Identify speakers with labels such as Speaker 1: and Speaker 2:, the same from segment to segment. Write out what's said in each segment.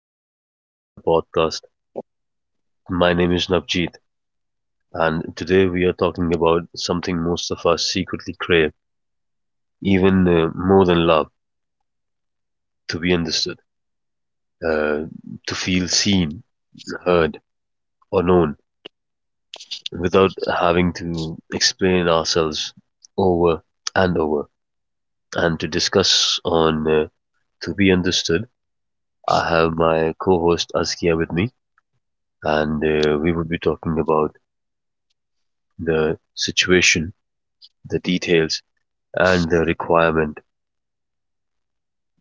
Speaker 1: welcome back to the podcast. My name is Navjeet, and today we are talking about something most of us secretly crave, even more than love, to be understood, uh, to feel seen, heard, or known without having to explain ourselves over and over. And to discuss on to be understood, I have my co host Askia with me, and we will be talking about the situation, the details and the requirement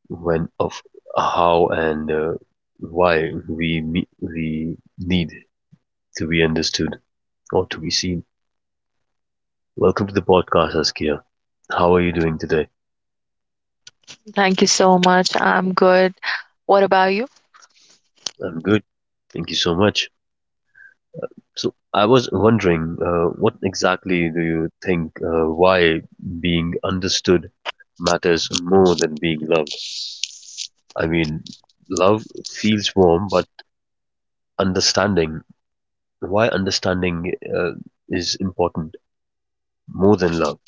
Speaker 1: when of how and why we need to be understood or to be seen. Welcome to the podcast, Askia. How are you doing today?
Speaker 2: Thank you so much. I'm good. What about you?
Speaker 1: I'm good. Thank you so much. So I was wondering, what exactly do you think why being understood matters more than being loved? I mean, love feels warm, but understanding, why understanding uh, is important? More than love.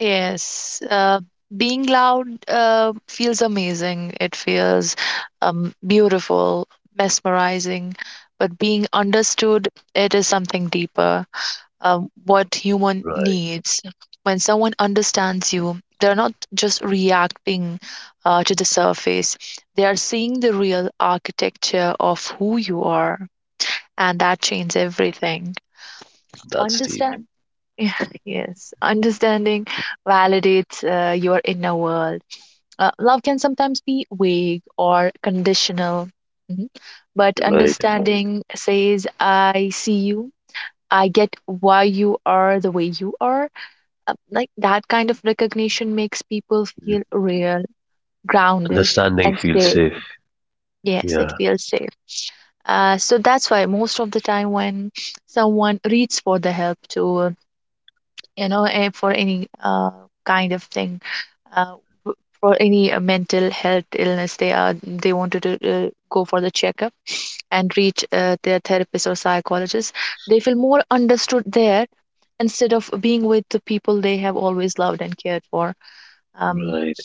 Speaker 2: Yes. Uh, Being loud feels amazing. It feels beautiful, mesmerizing. But being understood, it is something deeper. What human
Speaker 1: Right.
Speaker 2: needs. When someone understands you, they're not just reacting to the surface. They are seeing the real architecture of who you are, and that changes everything.
Speaker 1: That's deep.
Speaker 2: Understand. Yeah, yes, understanding validates your inner world. Love can sometimes be vague or conditional. Mhm. But
Speaker 1: Right.
Speaker 2: understanding says, I see you, I get why you are the way you are. Like that kind of recognition makes people
Speaker 1: Mm.
Speaker 2: feel real, grounded,
Speaker 1: Understanding
Speaker 2: and
Speaker 1: feels
Speaker 2: safe.
Speaker 1: safe.
Speaker 2: Yes, it
Speaker 1: Yeah.
Speaker 2: feels safe. So that's why most of the time when someone reaches for the help to for any kind of thing uh, for any mental health illness, they wanted to go for the checkup and reach their therapist or psychologist. They feel more understood there instead of being with the people they have always loved and cared for. Um,
Speaker 1: Right.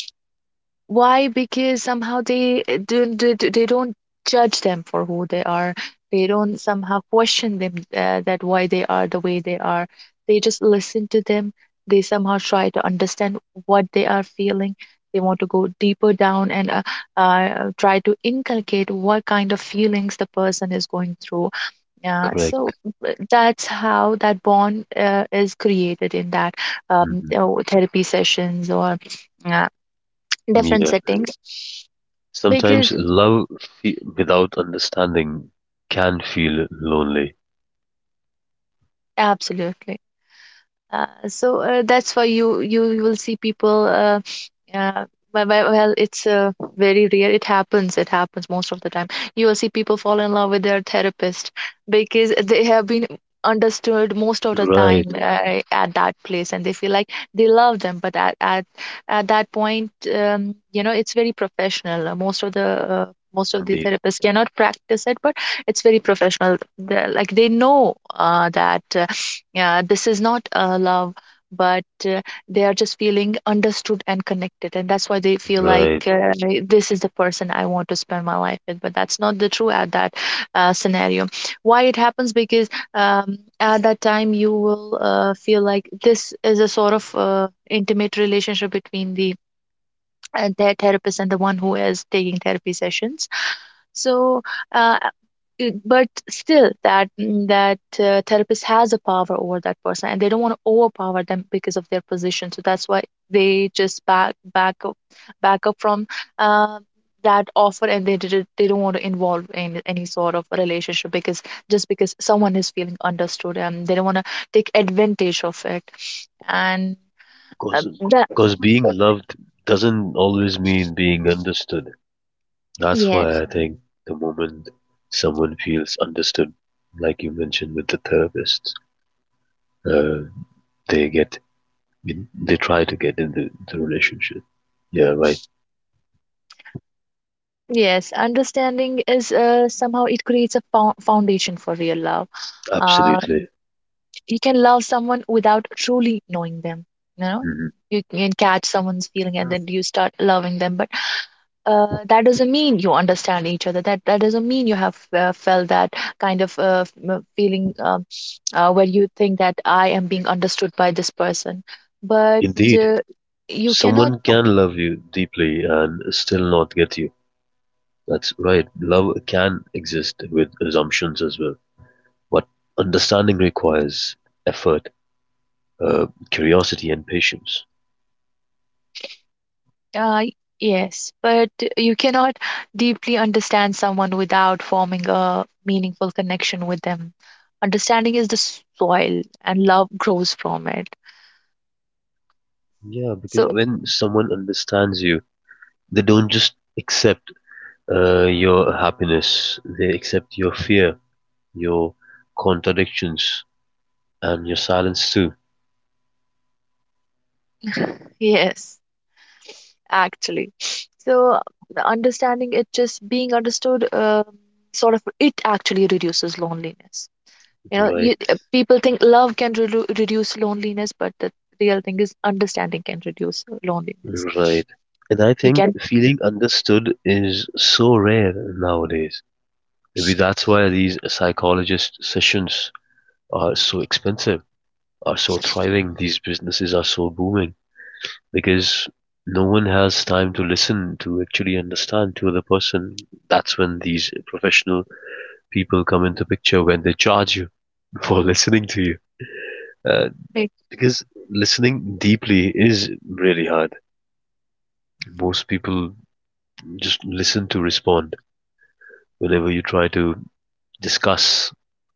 Speaker 2: why? Because somehow they don't judge them for who they are. They don't somehow question them that why they are the way they are. They just listen to them. They somehow try to understand what they are feeling. They want to go deeper down and try to inculcate what kind of feelings the person is going through. Yeah. so
Speaker 1: Correct.
Speaker 2: uh, that's how that bond is created in that
Speaker 1: Hmm.
Speaker 2: you know, therapy sessions or uh, different
Speaker 1: Yeah.
Speaker 2: settings,
Speaker 1: Sometimes
Speaker 2: because
Speaker 1: without understanding can feel lonely.
Speaker 2: absolutely. So that's why you will see people. Yeah, well, it's very rare. It happens. It happens most of the time. You will see people fall in love with their therapist because they have been understood most of the
Speaker 1: Right.
Speaker 2: time at that place, and they feel like they love them. But at that point, you know, it's very professional. Uh, most of the
Speaker 1: Indeed.
Speaker 2: therapists cannot practice it, but it's very professional. They're, like they know that yeah, this is not love, but uh, they are just feeling understood and connected, and that's why they feel like
Speaker 1: Right.
Speaker 2: this is the person I want to spend my life with. But that's not the true at that scenario. Why it happens, because at that time you will feel like this is a sort of intimate relationship between the their therapist and the one who is taking therapy sessions. So uh, it- but still that that therapist has a power over that person, and they don't want to overpower them because of their position. So that's why they just back up from um that offer, and they don't want to involve in any sort of relationship, because just because someone is feeling understood, and they don't want to take advantage of it. And uh,
Speaker 1: Cause,
Speaker 2: that
Speaker 1: cause being loved doesn't always mean being understood. That's why
Speaker 2: yes
Speaker 1: I think the moment someone feels understood, like you mentioned with the therapist, uh, they they try to get into the relationship. Yeah, right.
Speaker 2: yes understanding is somehow it creates a foundation for real love. uh,
Speaker 1: Absolutely.
Speaker 2: you can love someone without truly knowing them, you know.
Speaker 1: Hmm.
Speaker 2: You can catch someone's feeling and then you start loving them, but that doesn't mean you understand each other. That doesn't mean you have felt that kind of feeling where you think that I am being understood by this person. but
Speaker 1: Indeed,
Speaker 2: uh, you cannot
Speaker 1: someone can love you deeply and still not get you. That's right. Love can exist with assumptions as well, but understanding requires effort, curiosity, and patience.
Speaker 2: Uh, yes, but you cannot deeply understand someone without forming a meaningful connection with them. Understanding is the soil, and love grows from it.
Speaker 1: Yeah, because
Speaker 2: So,
Speaker 1: when someone understands you, they don't just accept your happiness, they accept your fear, your contradictions, and your silence too.
Speaker 2: yes, actually. So, the understanding, it just being understood, sort of, it actually reduces loneliness. You know,
Speaker 1: Right.
Speaker 2: you, uh, people think love can reduce loneliness, but the real thing is understanding can reduce loneliness.
Speaker 1: Right. And I
Speaker 2: You
Speaker 1: think
Speaker 2: can,
Speaker 1: feeling understood is so rare nowadays. Maybe that's why these psychologist sessions are so expensive, are so thriving, these businesses are so booming, because no one has time to listen, to actually understand to the person. That's when these professional people come into picture when they charge you for listening to you. Uh,
Speaker 2: make-
Speaker 1: because listening deeply is really hard. Most people just listen to respond. Whenever you try to discuss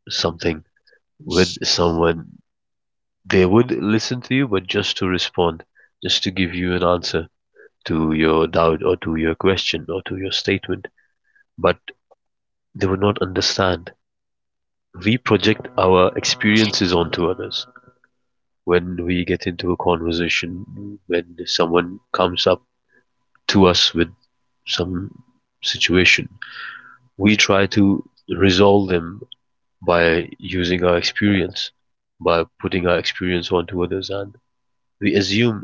Speaker 1: something with someone, they would listen to you, but just to respond, just to give you an answer to your doubt or to your question or to your statement, but they would not understand. We project our experiences onto others. When we get into a conversation, when someone comes up to us with some situation, we try to resolve them by using our experience, by putting our experience onto others, and we assume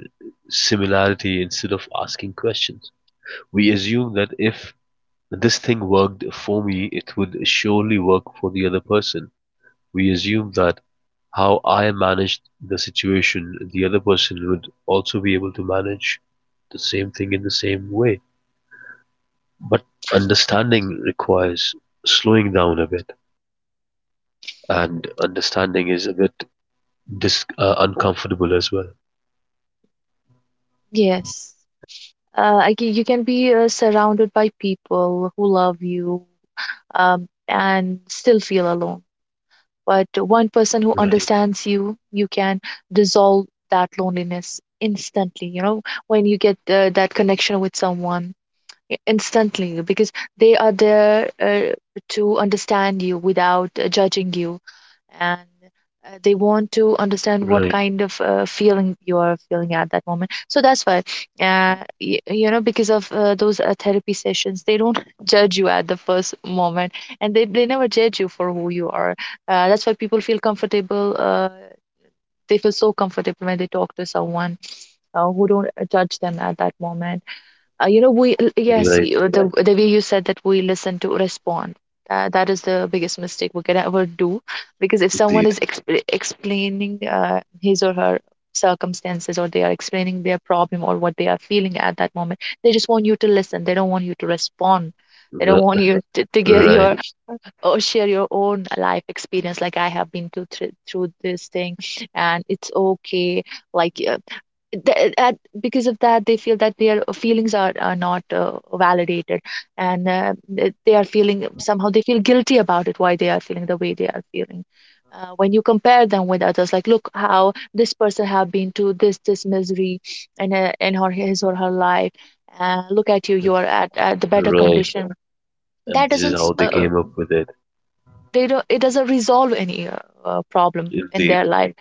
Speaker 1: similarity instead of asking questions. We assume that if this thing worked for me, it would surely work for the other person. We assume that how I managed the situation, the other person would also be able to manage the same thing in the same way. But understanding requires slowing down a bit, and understanding is a bit uncomfortable as well.
Speaker 2: yes. You can be surrounded by people who love you, and still feel alone. But one person who
Speaker 1: Right,
Speaker 2: understands you, you can dissolve that loneliness instantly. You know, when you get that connection with someone, instantly, because they are there to understand you without judging you, and they want to understand what
Speaker 1: right,
Speaker 2: kind of feeling you are feeling at that moment. So that's why, you know, because of those therapy sessions, they don't judge you at the first moment, and they never judge you for who you are. That's why people feel comfortable. They feel so comfortable when they talk to someone who don't judge them at that moment. Uh, you know, we l- yes,
Speaker 1: right,
Speaker 2: you, the Yes. The way you said that, we listen to respond. That is the biggest mistake we can ever do, because if someone
Speaker 1: indeed,
Speaker 2: is explaining his or her circumstances, or they are explaining their problem or what they are feeling at that moment, they just want you to listen. They don't want you to respond. They
Speaker 1: Ri-
Speaker 2: don't want you to get
Speaker 1: right,
Speaker 2: your or share your own life experience, like I have been to through this thing and it's okay. Like th- at, because of that, they feel that their feelings are not validated, and they are feeling somehow, they feel guilty about it, why they are feeling the way they are feeling when you compare them with others, like look how this person have been to this misery and in her, his or her life. Look at you, you are at the better
Speaker 1: right,
Speaker 2: condition.
Speaker 1: and
Speaker 2: That
Speaker 1: this is
Speaker 2: doesn't s-
Speaker 1: how they came up with it.
Speaker 2: they don't It doesn't resolve any problem in
Speaker 1: Indeed,
Speaker 2: their life.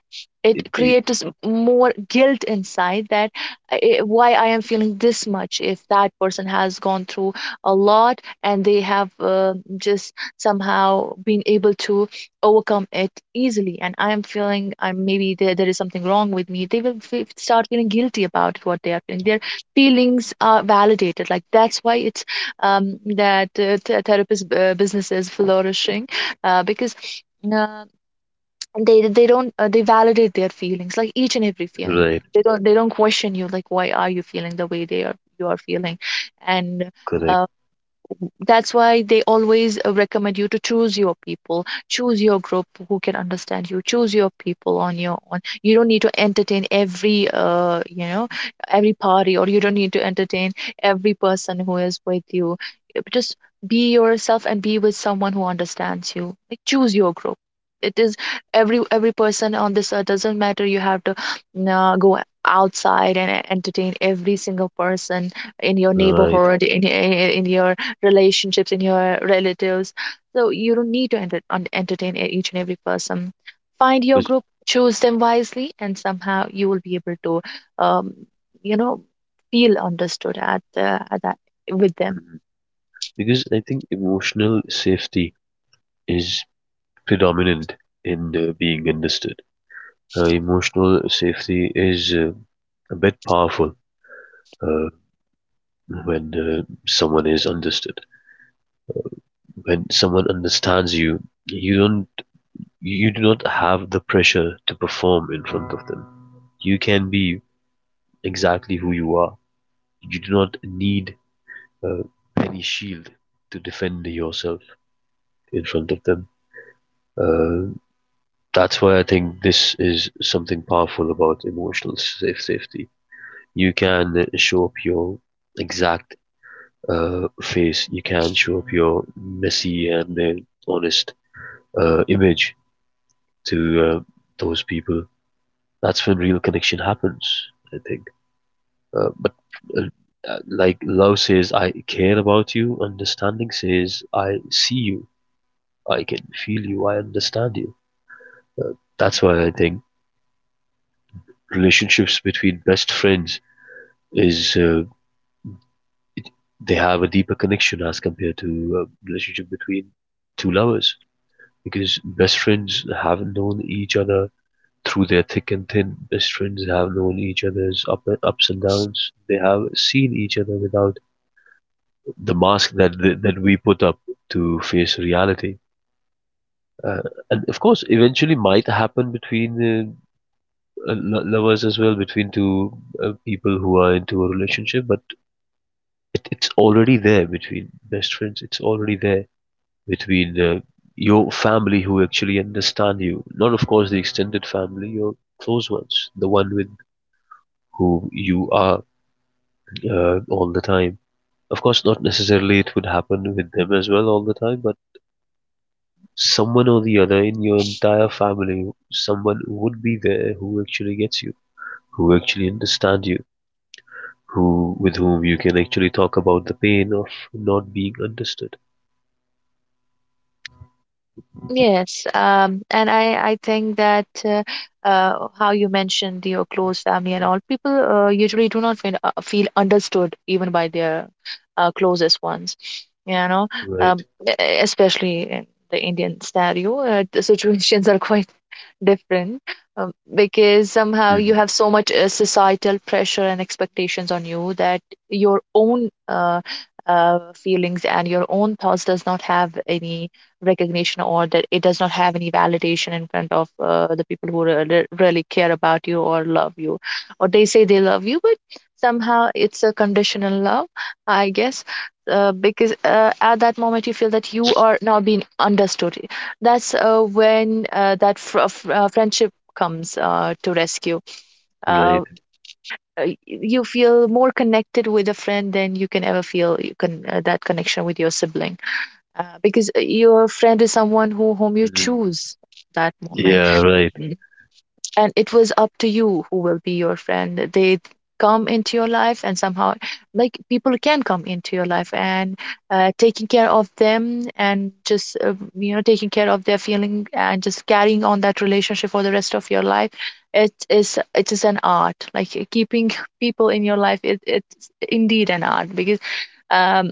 Speaker 2: It
Speaker 1: indeed,
Speaker 2: creates more guilt inside, that why I am feeling this much, if that person has gone through a lot and they have just somehow been able to overcome it easily, and I am feeling I'm maybe there is something wrong with me. They will fe start feeling guilty about what they are feeling. Their feelings are validated, like that's why it's that therapist business is flourishing, because uh, and they don't they validate their feelings, like each and every feeling.
Speaker 1: right,
Speaker 2: They don't they don't question you, like why are you feeling the way they are you are feeling. And
Speaker 1: correct,
Speaker 2: uh, that's why they always recommend you to choose your people, choose your group who can understand you, choose your people on your own. You don't need to entertain every you know, every party, or you don't need to entertain every person who is with you. Just be yourself and be with someone who understands you, like choose your group. It is every person on this earth doesn't matter, you have to go outside and entertain every single person in your
Speaker 1: right,
Speaker 2: neighborhood, in your relationships, in your relatives. So you don't need to entertain each and every person. Find your
Speaker 1: because
Speaker 2: group, choose them wisely, and somehow you will be able to, um, you know, feel understood at that, with them.
Speaker 1: because I think emotional safety is predominant in being understood. Emotional safety is a bit powerful uh, when someone is understood. When someone understands you, you don't you do not have the pressure to perform in front of them. You can be exactly who you are. You do not need uh, any shield to defend yourself in front of them. Uh, that's why I think this is something powerful about emotional safety. You can show up your exact face. You can show up your messy and honest image to those people. That's when real connection happens, I think. But uh, like love says, I care about you. Understanding says, I see you. I can feel you. I understand you. That's why I think relationships between best friends is they have a deeper connection as compared to a relationship between two lovers, because best friends have known each other through their thick and thin. Best friends have known each other's ups and downs. They have seen each other without the mask that we put up to face reality. Uh, and of course, eventually might happen between lovers as well, between two people who are into a relationship. But it's already there between best friends. It's already there between your family who actually understand you. Not of course the extended family, your close ones, the one with who you are all the time. Of course, not necessarily it would happen with them as well all the time, but someone or the other in your entire family, someone would be there who actually gets you, who actually understands you, who with whom you can actually talk about the pain of not being understood.
Speaker 2: Yes, and I think that how you mentioned your close family and all, people usually do not feel understood even by their closest ones, you know,
Speaker 1: Right.
Speaker 2: especially in the Indian scenario. The situations are quite different, because somehow you
Speaker 1: Mhm.
Speaker 2: have so much societal pressure and expectations on you that your own feelings and your own thoughts does not have any recognition, or that it does not have any validation in front of the people who really care about you or love you, or they say they love you, but somehow it's a conditional love, I guess. Because at that moment you feel that you are now being understood. That's when that friendship comes to rescue. Uh,
Speaker 1: Right.
Speaker 2: you feel more connected with a friend than you can ever feel you can that connection with your sibling because your friend is someone who whom you
Speaker 1: Mhm.
Speaker 2: choose that moment,
Speaker 1: Yeah. Right.
Speaker 2: and it was up to you who will be your friend. They come into your life and somehow, like, people can come into your life and taking care of them and just taking care of their feeling and just carrying on that relationship for the rest of your life. It is an art, like keeping people in your life. It's indeed an art because um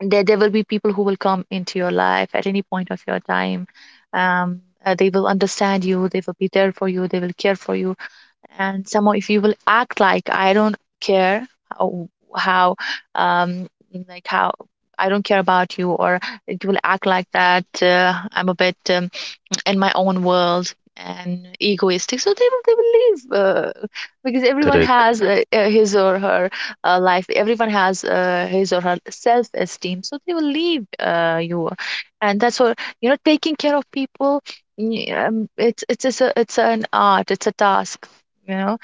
Speaker 2: there will be people who will come into your life at any point of your time. um they will understand you, they will be there for you, they will care for you. And somehow if you will act like I don't care, how, how um how I don't care about you, or it will act like that, I'm a bit in my own world and egoistic, so they will leave uh, because everyone
Speaker 1: Correct.
Speaker 2: has his or her life. Everyone has his or her self esteem, so they will leave you. And that's what, you know, taking care of people. It's an art, it's a task, you know.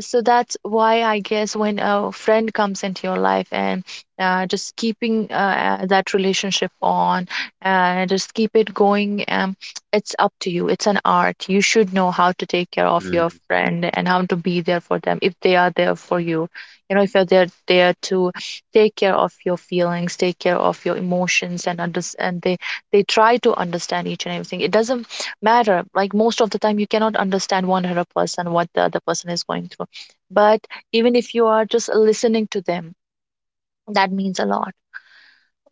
Speaker 2: So that's why I guess when a friend comes into your life and just keeping that relationship on and just keep it going. It's up to you, it's an art. You should know how to take care of your
Speaker 1: Mhm.
Speaker 2: friend and how to be there for them if they are there for you. You know, if you're there to take care of your feelings, take care of your emotions, and they try to understand each and everything. It doesn't matter, like most of the time you cannot understand 100% what the other person is going through. But even if you are just listening to them, that means a lot.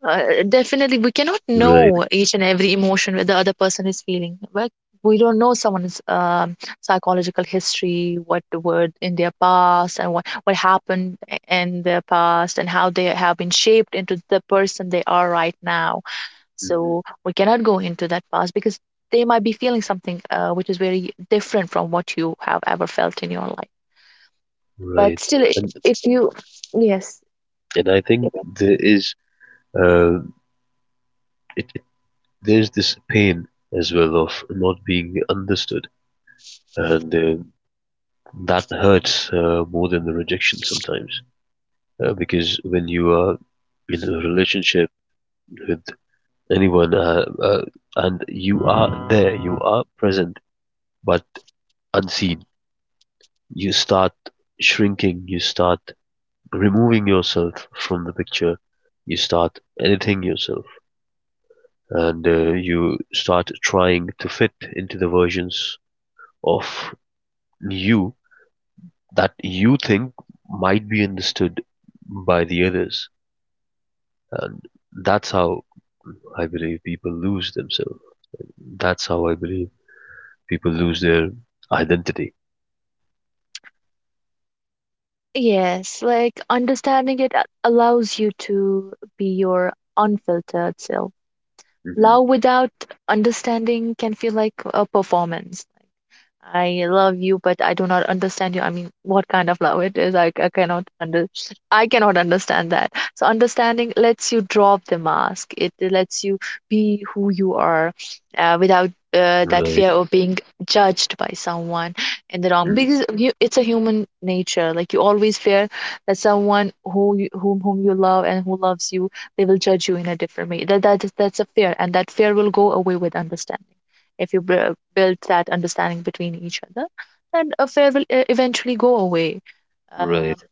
Speaker 2: Definitely we cannot know
Speaker 1: Right.
Speaker 2: each and every emotion that the other person is feeling, like we don't know someone's psychological history, what were in their past and what happened in their past and how they have been shaped into the person they are right now.
Speaker 1: Mhm.
Speaker 2: So we cannot go into that past because they might be feeling something which is very different from what you have ever felt in your life. But
Speaker 1: Right.
Speaker 2: still,
Speaker 1: And
Speaker 2: if you yes.
Speaker 1: I think there is uh it, it there's this pain as well of not being understood, and that hurts more than the rejection sometimes. Because when you are in a relationship with anyone and you are there, you are present but unseen, you start shrinking, you start removing yourself from the picture, you start editing yourself, and you start trying to fit into the versions of you that you think might be understood by the others, and that's how I believe people lose themselves. That's how I believe people lose their identity.
Speaker 2: Yes, like understanding it allows you to be your unfiltered self.
Speaker 1: Hmm.
Speaker 2: Love without understanding can feel like a performance. I love you, but I do not understand you. I mean, what kind of love it is, I cannot under, I cannot understand that. So understanding lets you drop the mask. It lets you be who you are, without that fear
Speaker 1: Right.
Speaker 2: of being judged by someone in the wrong.
Speaker 1: Hmm.
Speaker 2: Because you, it's a human nature. Like you always fear that someone who you, whom you love and who loves you, they will judge you in a different way. That's a fear, and that fear will go away with understanding. If you build that understanding between each other, then affair will eventually go away. um,
Speaker 1: Right.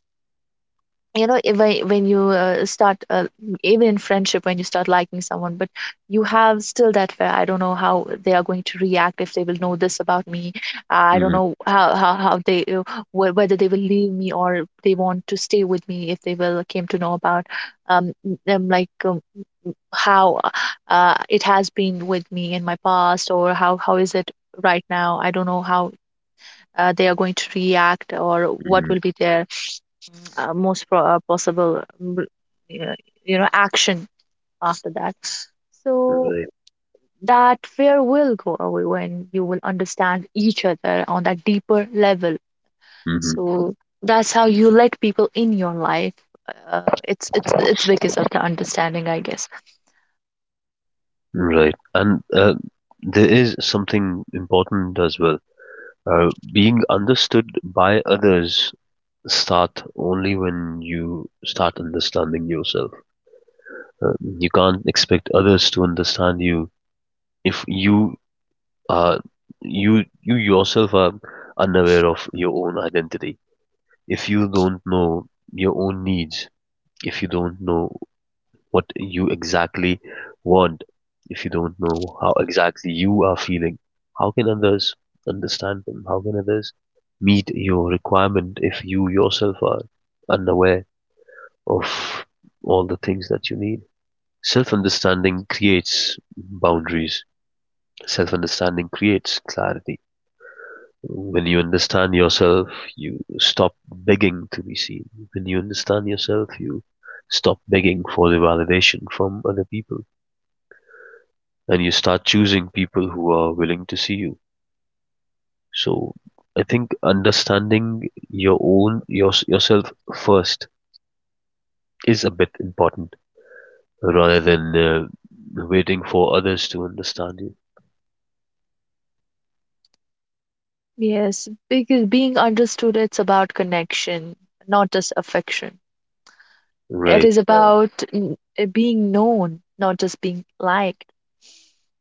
Speaker 2: you know, if I, when you start even in friendship, when you start liking someone but you have still that fear, I don't know how they are going to react if they will know this about me. I don't
Speaker 1: Hmm.
Speaker 2: know how they whether they will leave me or they want to stay with me if they will came to know about um, them, like how it has been with me in my past or how is it right now. I don't know how they are going to react or what
Speaker 1: Hmm.
Speaker 2: will be their possible uh, you know action after that. So
Speaker 1: Right.
Speaker 2: that fear will go away when you will understand each other on that deeper level.
Speaker 1: Hmm.
Speaker 2: So that's how you let people in your life. It's because of the understanding, I guess.
Speaker 1: Right. And there is something important as well. Being understood by others start only when you start understanding yourself. You can't expect others to understand you if you are you yourself are unaware of your own identity. If you don't know your own needs, if you don't know what you exactly want, if you don't know how exactly you are feeling, how can others understand them? How can others meet your requirement if you yourself are unaware of all the things that you need? Self understanding creates boundaries, self understanding creates clarity. When you understand yourself, you stop begging to be seen. When you understand yourself, you stop begging for the validation from other people and you start choosing people who are willing to see you. So I think understanding your own yourself first is a bit important rather than waiting for others to understand you.
Speaker 2: Yes, because being understood, it's about connection, not just affection. It
Speaker 1: Right.
Speaker 2: is correct. About being known, not just being liked.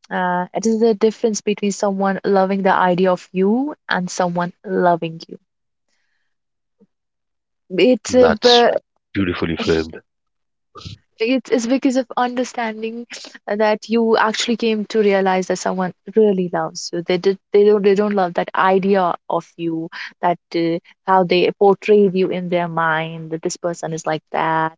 Speaker 2: It is the difference between someone loving the idea of you and someone loving you. It's a,
Speaker 1: That's beautifully framed.
Speaker 2: it's, it's because of understanding that you actually came to realize that someone really loves you. They did, they don't love that idea of you, that how they portrayed you in their mind, that this person is like that,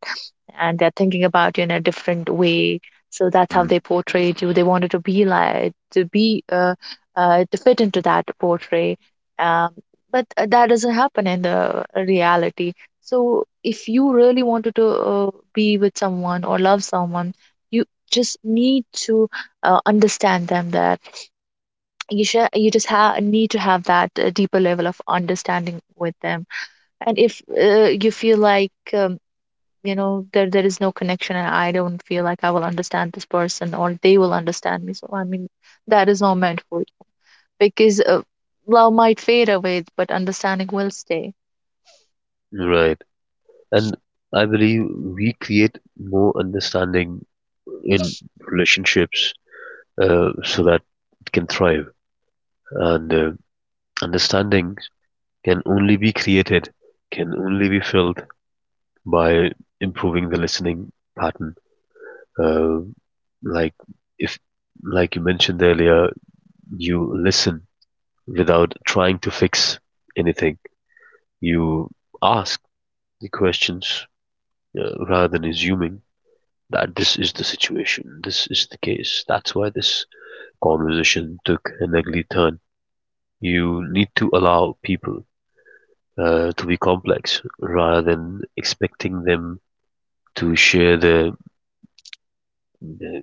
Speaker 2: and they're thinking about you in a different way. So that's how
Speaker 1: Mm.
Speaker 2: they portrayed you. They wanted to be like to be to fit into that portray. Um, but that doesn't happen in the reality. So if you really wanted to be with someone or love someone, you just need to understand them, that you you just need to have that deeper level of understanding with them. And if you feel like you know, there is no connection and I don't feel like I will understand this person or they will understand me, so I mean that is not meant for you. Because love might fade away, but understanding will stay.
Speaker 1: Right. And I believe we create more understanding in relationships so that it can thrive. And understanding can only be created, can only be filled by improving the listening pattern. Uh, like if, like you mentioned earlier, you listen without trying to fix anything. You ask the questions rather than assuming that this is the situation, this is the case. That's why this conversation took an ugly turn. You need to allow people to be complex rather than expecting them to share their uh,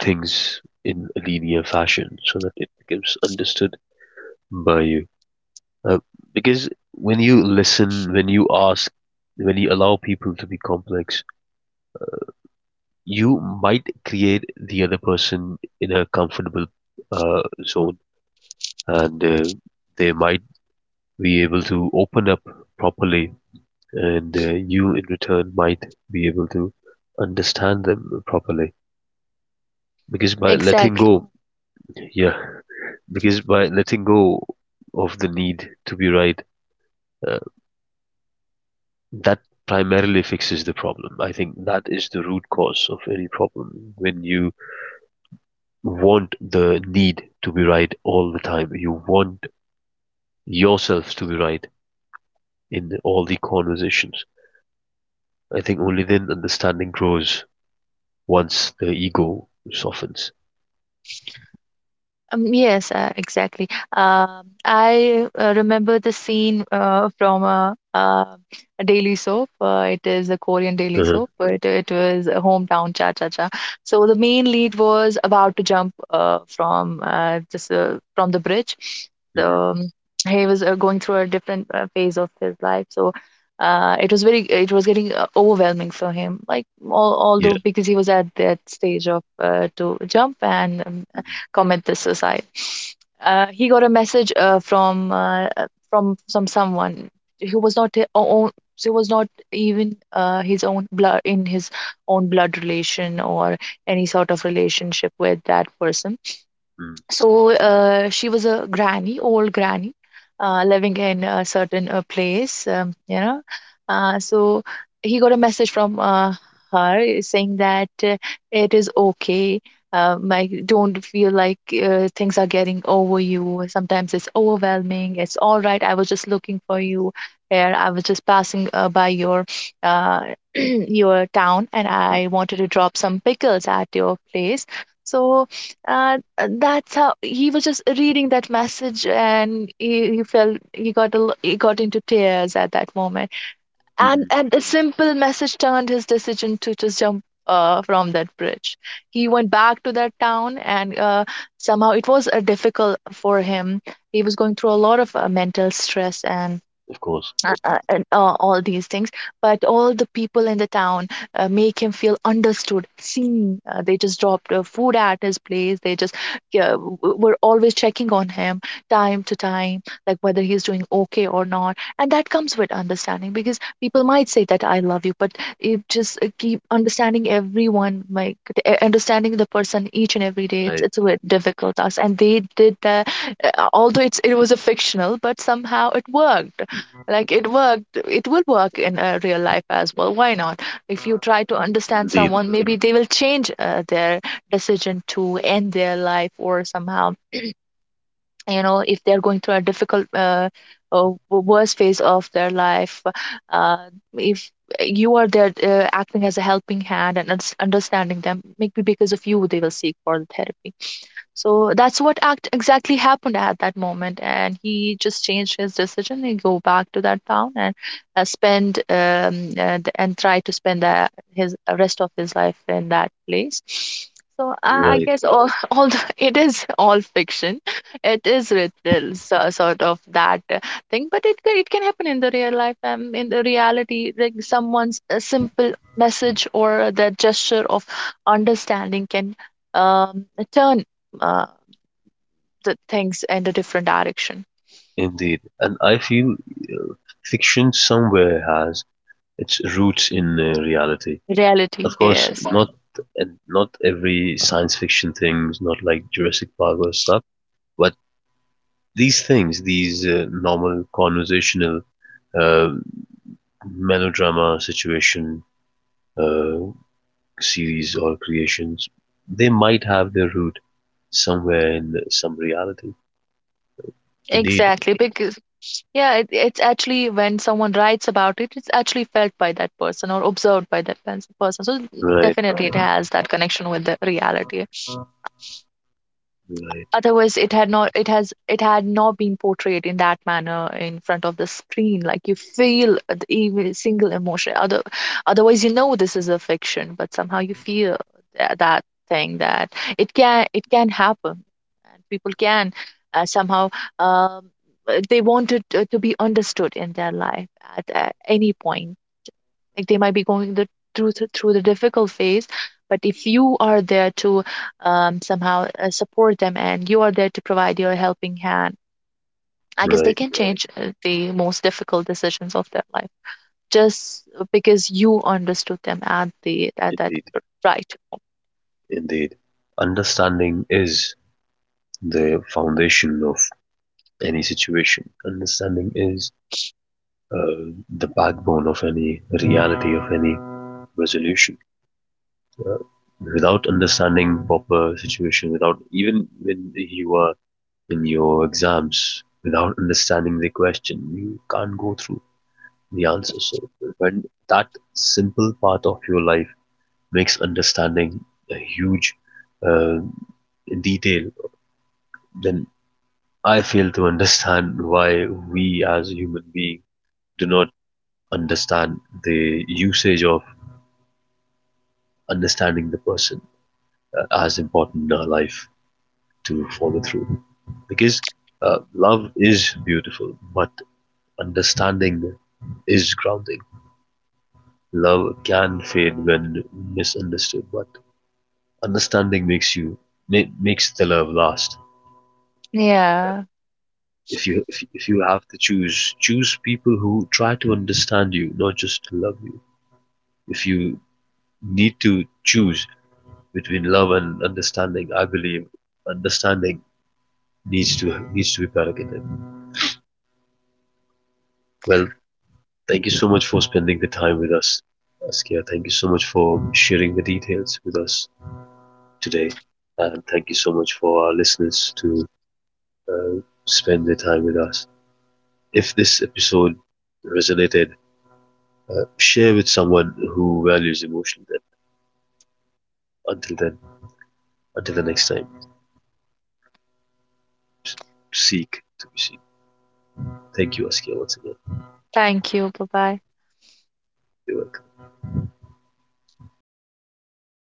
Speaker 1: things in a linear fashion so that it becomes understood by you. Uh, because when you listen, when you ask, when you allow people to be complex, you might create the other person in a comfortable zone and they might be able to open up properly, and you in return might be able to understand them properly. Because by letting
Speaker 2: Exactly.
Speaker 1: go, yeah, because by letting go of the need to be right, uh, that primarily fixes the problem. I think that is the root cause of any problem. When you want the need to be right all the time, you want yourself to be right in all the conversations. I think only then understanding grows once the ego softens.
Speaker 2: Yes, exactly. I remember the scene from a daily soap. It is a Korean daily
Speaker 1: Uh-huh.
Speaker 2: soap, but it was a hometown cha cha cha. So the main lead was about to jump from this from the bridge. So
Speaker 1: Hmm.
Speaker 2: he was going through a different phase of his life. So it was very, it was getting overwhelming for him. Like al although
Speaker 1: Yeah.
Speaker 2: because he was at that stage of to jump and
Speaker 1: Hmm.
Speaker 2: commit this suicide. He got a message from someone who was not his own, who was not even his own blood, in his own blood relation or any sort of relationship with that person.
Speaker 1: Mm.
Speaker 2: So she was a granny, old granny, living in a certain place, you know. So he got a message from her saying that it is okay, like don't feel like things are getting over you. Sometimes it's overwhelming, it's all right. I was just looking for you here, I was just passing by your uh, your town, and I wanted to drop some pickles at your place. So uh, that's how he was just reading that message, and he felt, he got a, he got into tears at that moment. and
Speaker 1: Hmm.
Speaker 2: and a simple message turned his decision to just jump from that bridge. He went back to that town, and somehow it was difficult for him. He was going through a lot of mental stress and
Speaker 1: Of course.
Speaker 2: all these things. But all the people in the town make him feel understood, seen. They just dropped food at his place, they just, yeah, were always checking on him time to time, like whether he's doing okay or not. And that comes with understanding, because people might say that I love you, but it just keep understanding everyone, like understanding the person each and every day, it's
Speaker 1: Right.
Speaker 2: it's a bit difficult task, and they did that. Although it was a fictional, but somehow it worked. Like it worked, it will work in real life as well. Why not? If you try to understand
Speaker 1: Indeed.
Speaker 2: someone, maybe they will change their decision to end their life. Or somehow, you know, if they're going through a difficult, or worst phase of their life, uh, if you are there acting as a helping hand and understanding them, maybe because of you, they will seek for the therapy. So that's what act exactly happened at that moment, and he just changed his decision and go back to that town and spend and try to spend his rest of his life in that place. So I
Speaker 1: Right.
Speaker 2: guess all, all the, it is all fiction. It is written so, sort of that thing, but it it can happen in the real life. In the reality, like someone's a simple message or the gesture of understanding can um, turn uh, the things in a different direction.
Speaker 1: Indeed. And I feel fiction somewhere has its roots in reality.
Speaker 2: Reality
Speaker 1: Of course,
Speaker 2: is right.
Speaker 1: not every science fiction thing is not like Jurassic Park or stuff, but these things, these normal conversational uh, melodrama situation, uh, series or creations, they might have their root somewhere in some reality. Indeed,
Speaker 2: Exactly, because yeah, it's actually when someone writes about it, it's actually felt by that person or observed by that person. So
Speaker 1: right,
Speaker 2: definitely it has that connection with the reality.
Speaker 1: right,
Speaker 2: Otherwise it had not, it had not been portrayed in that manner in front of the screen. Like you feel the every single emotion, other, otherwise, you know, this is a fiction, but somehow you feel that thing, that it can, it can happen. And people can somehow um, they want it to be understood in their life at, any point. Like they might be going through the difficult phase. But if you are there to somehow support them, and you are there to provide your helping hand, I guess they
Speaker 1: right,
Speaker 2: can, right, change the most difficult decisions of their life, just because you understood them at the, at that
Speaker 1: indeed,
Speaker 2: right.
Speaker 1: indeed. Understanding is the foundation of any situation. Understanding is uh, the backbone of any reality, of any resolution. Without understanding proper situation, without even when you are in your exams, without understanding the question, you can't go through the answer. So when that simple part of your life makes understanding a huge uh, detail, then I fail to understand why we as human beings do not understand the usage of understanding the person as important in our life to follow through. Because love is beautiful, but understanding is grounding. Love can fade when misunderstood, but understanding makes you makes the love last.
Speaker 2: Yeah,
Speaker 1: If you have to choose, choose people who try to understand you, not just love you. If you need to choose between love and understanding, I believe understanding needs to be predicated. Well, thank you so much for spending the time with us, Askia. Thank you so much for sharing the details with us today, and thank you so much for our listeners to uh, spend their time with us. If this episode resonated, share with someone who values emotional depth. Until then, until the next time, seek to be seen. Thank you, Askia, once again.
Speaker 2: thank you, bye bye.
Speaker 1: You're welcome.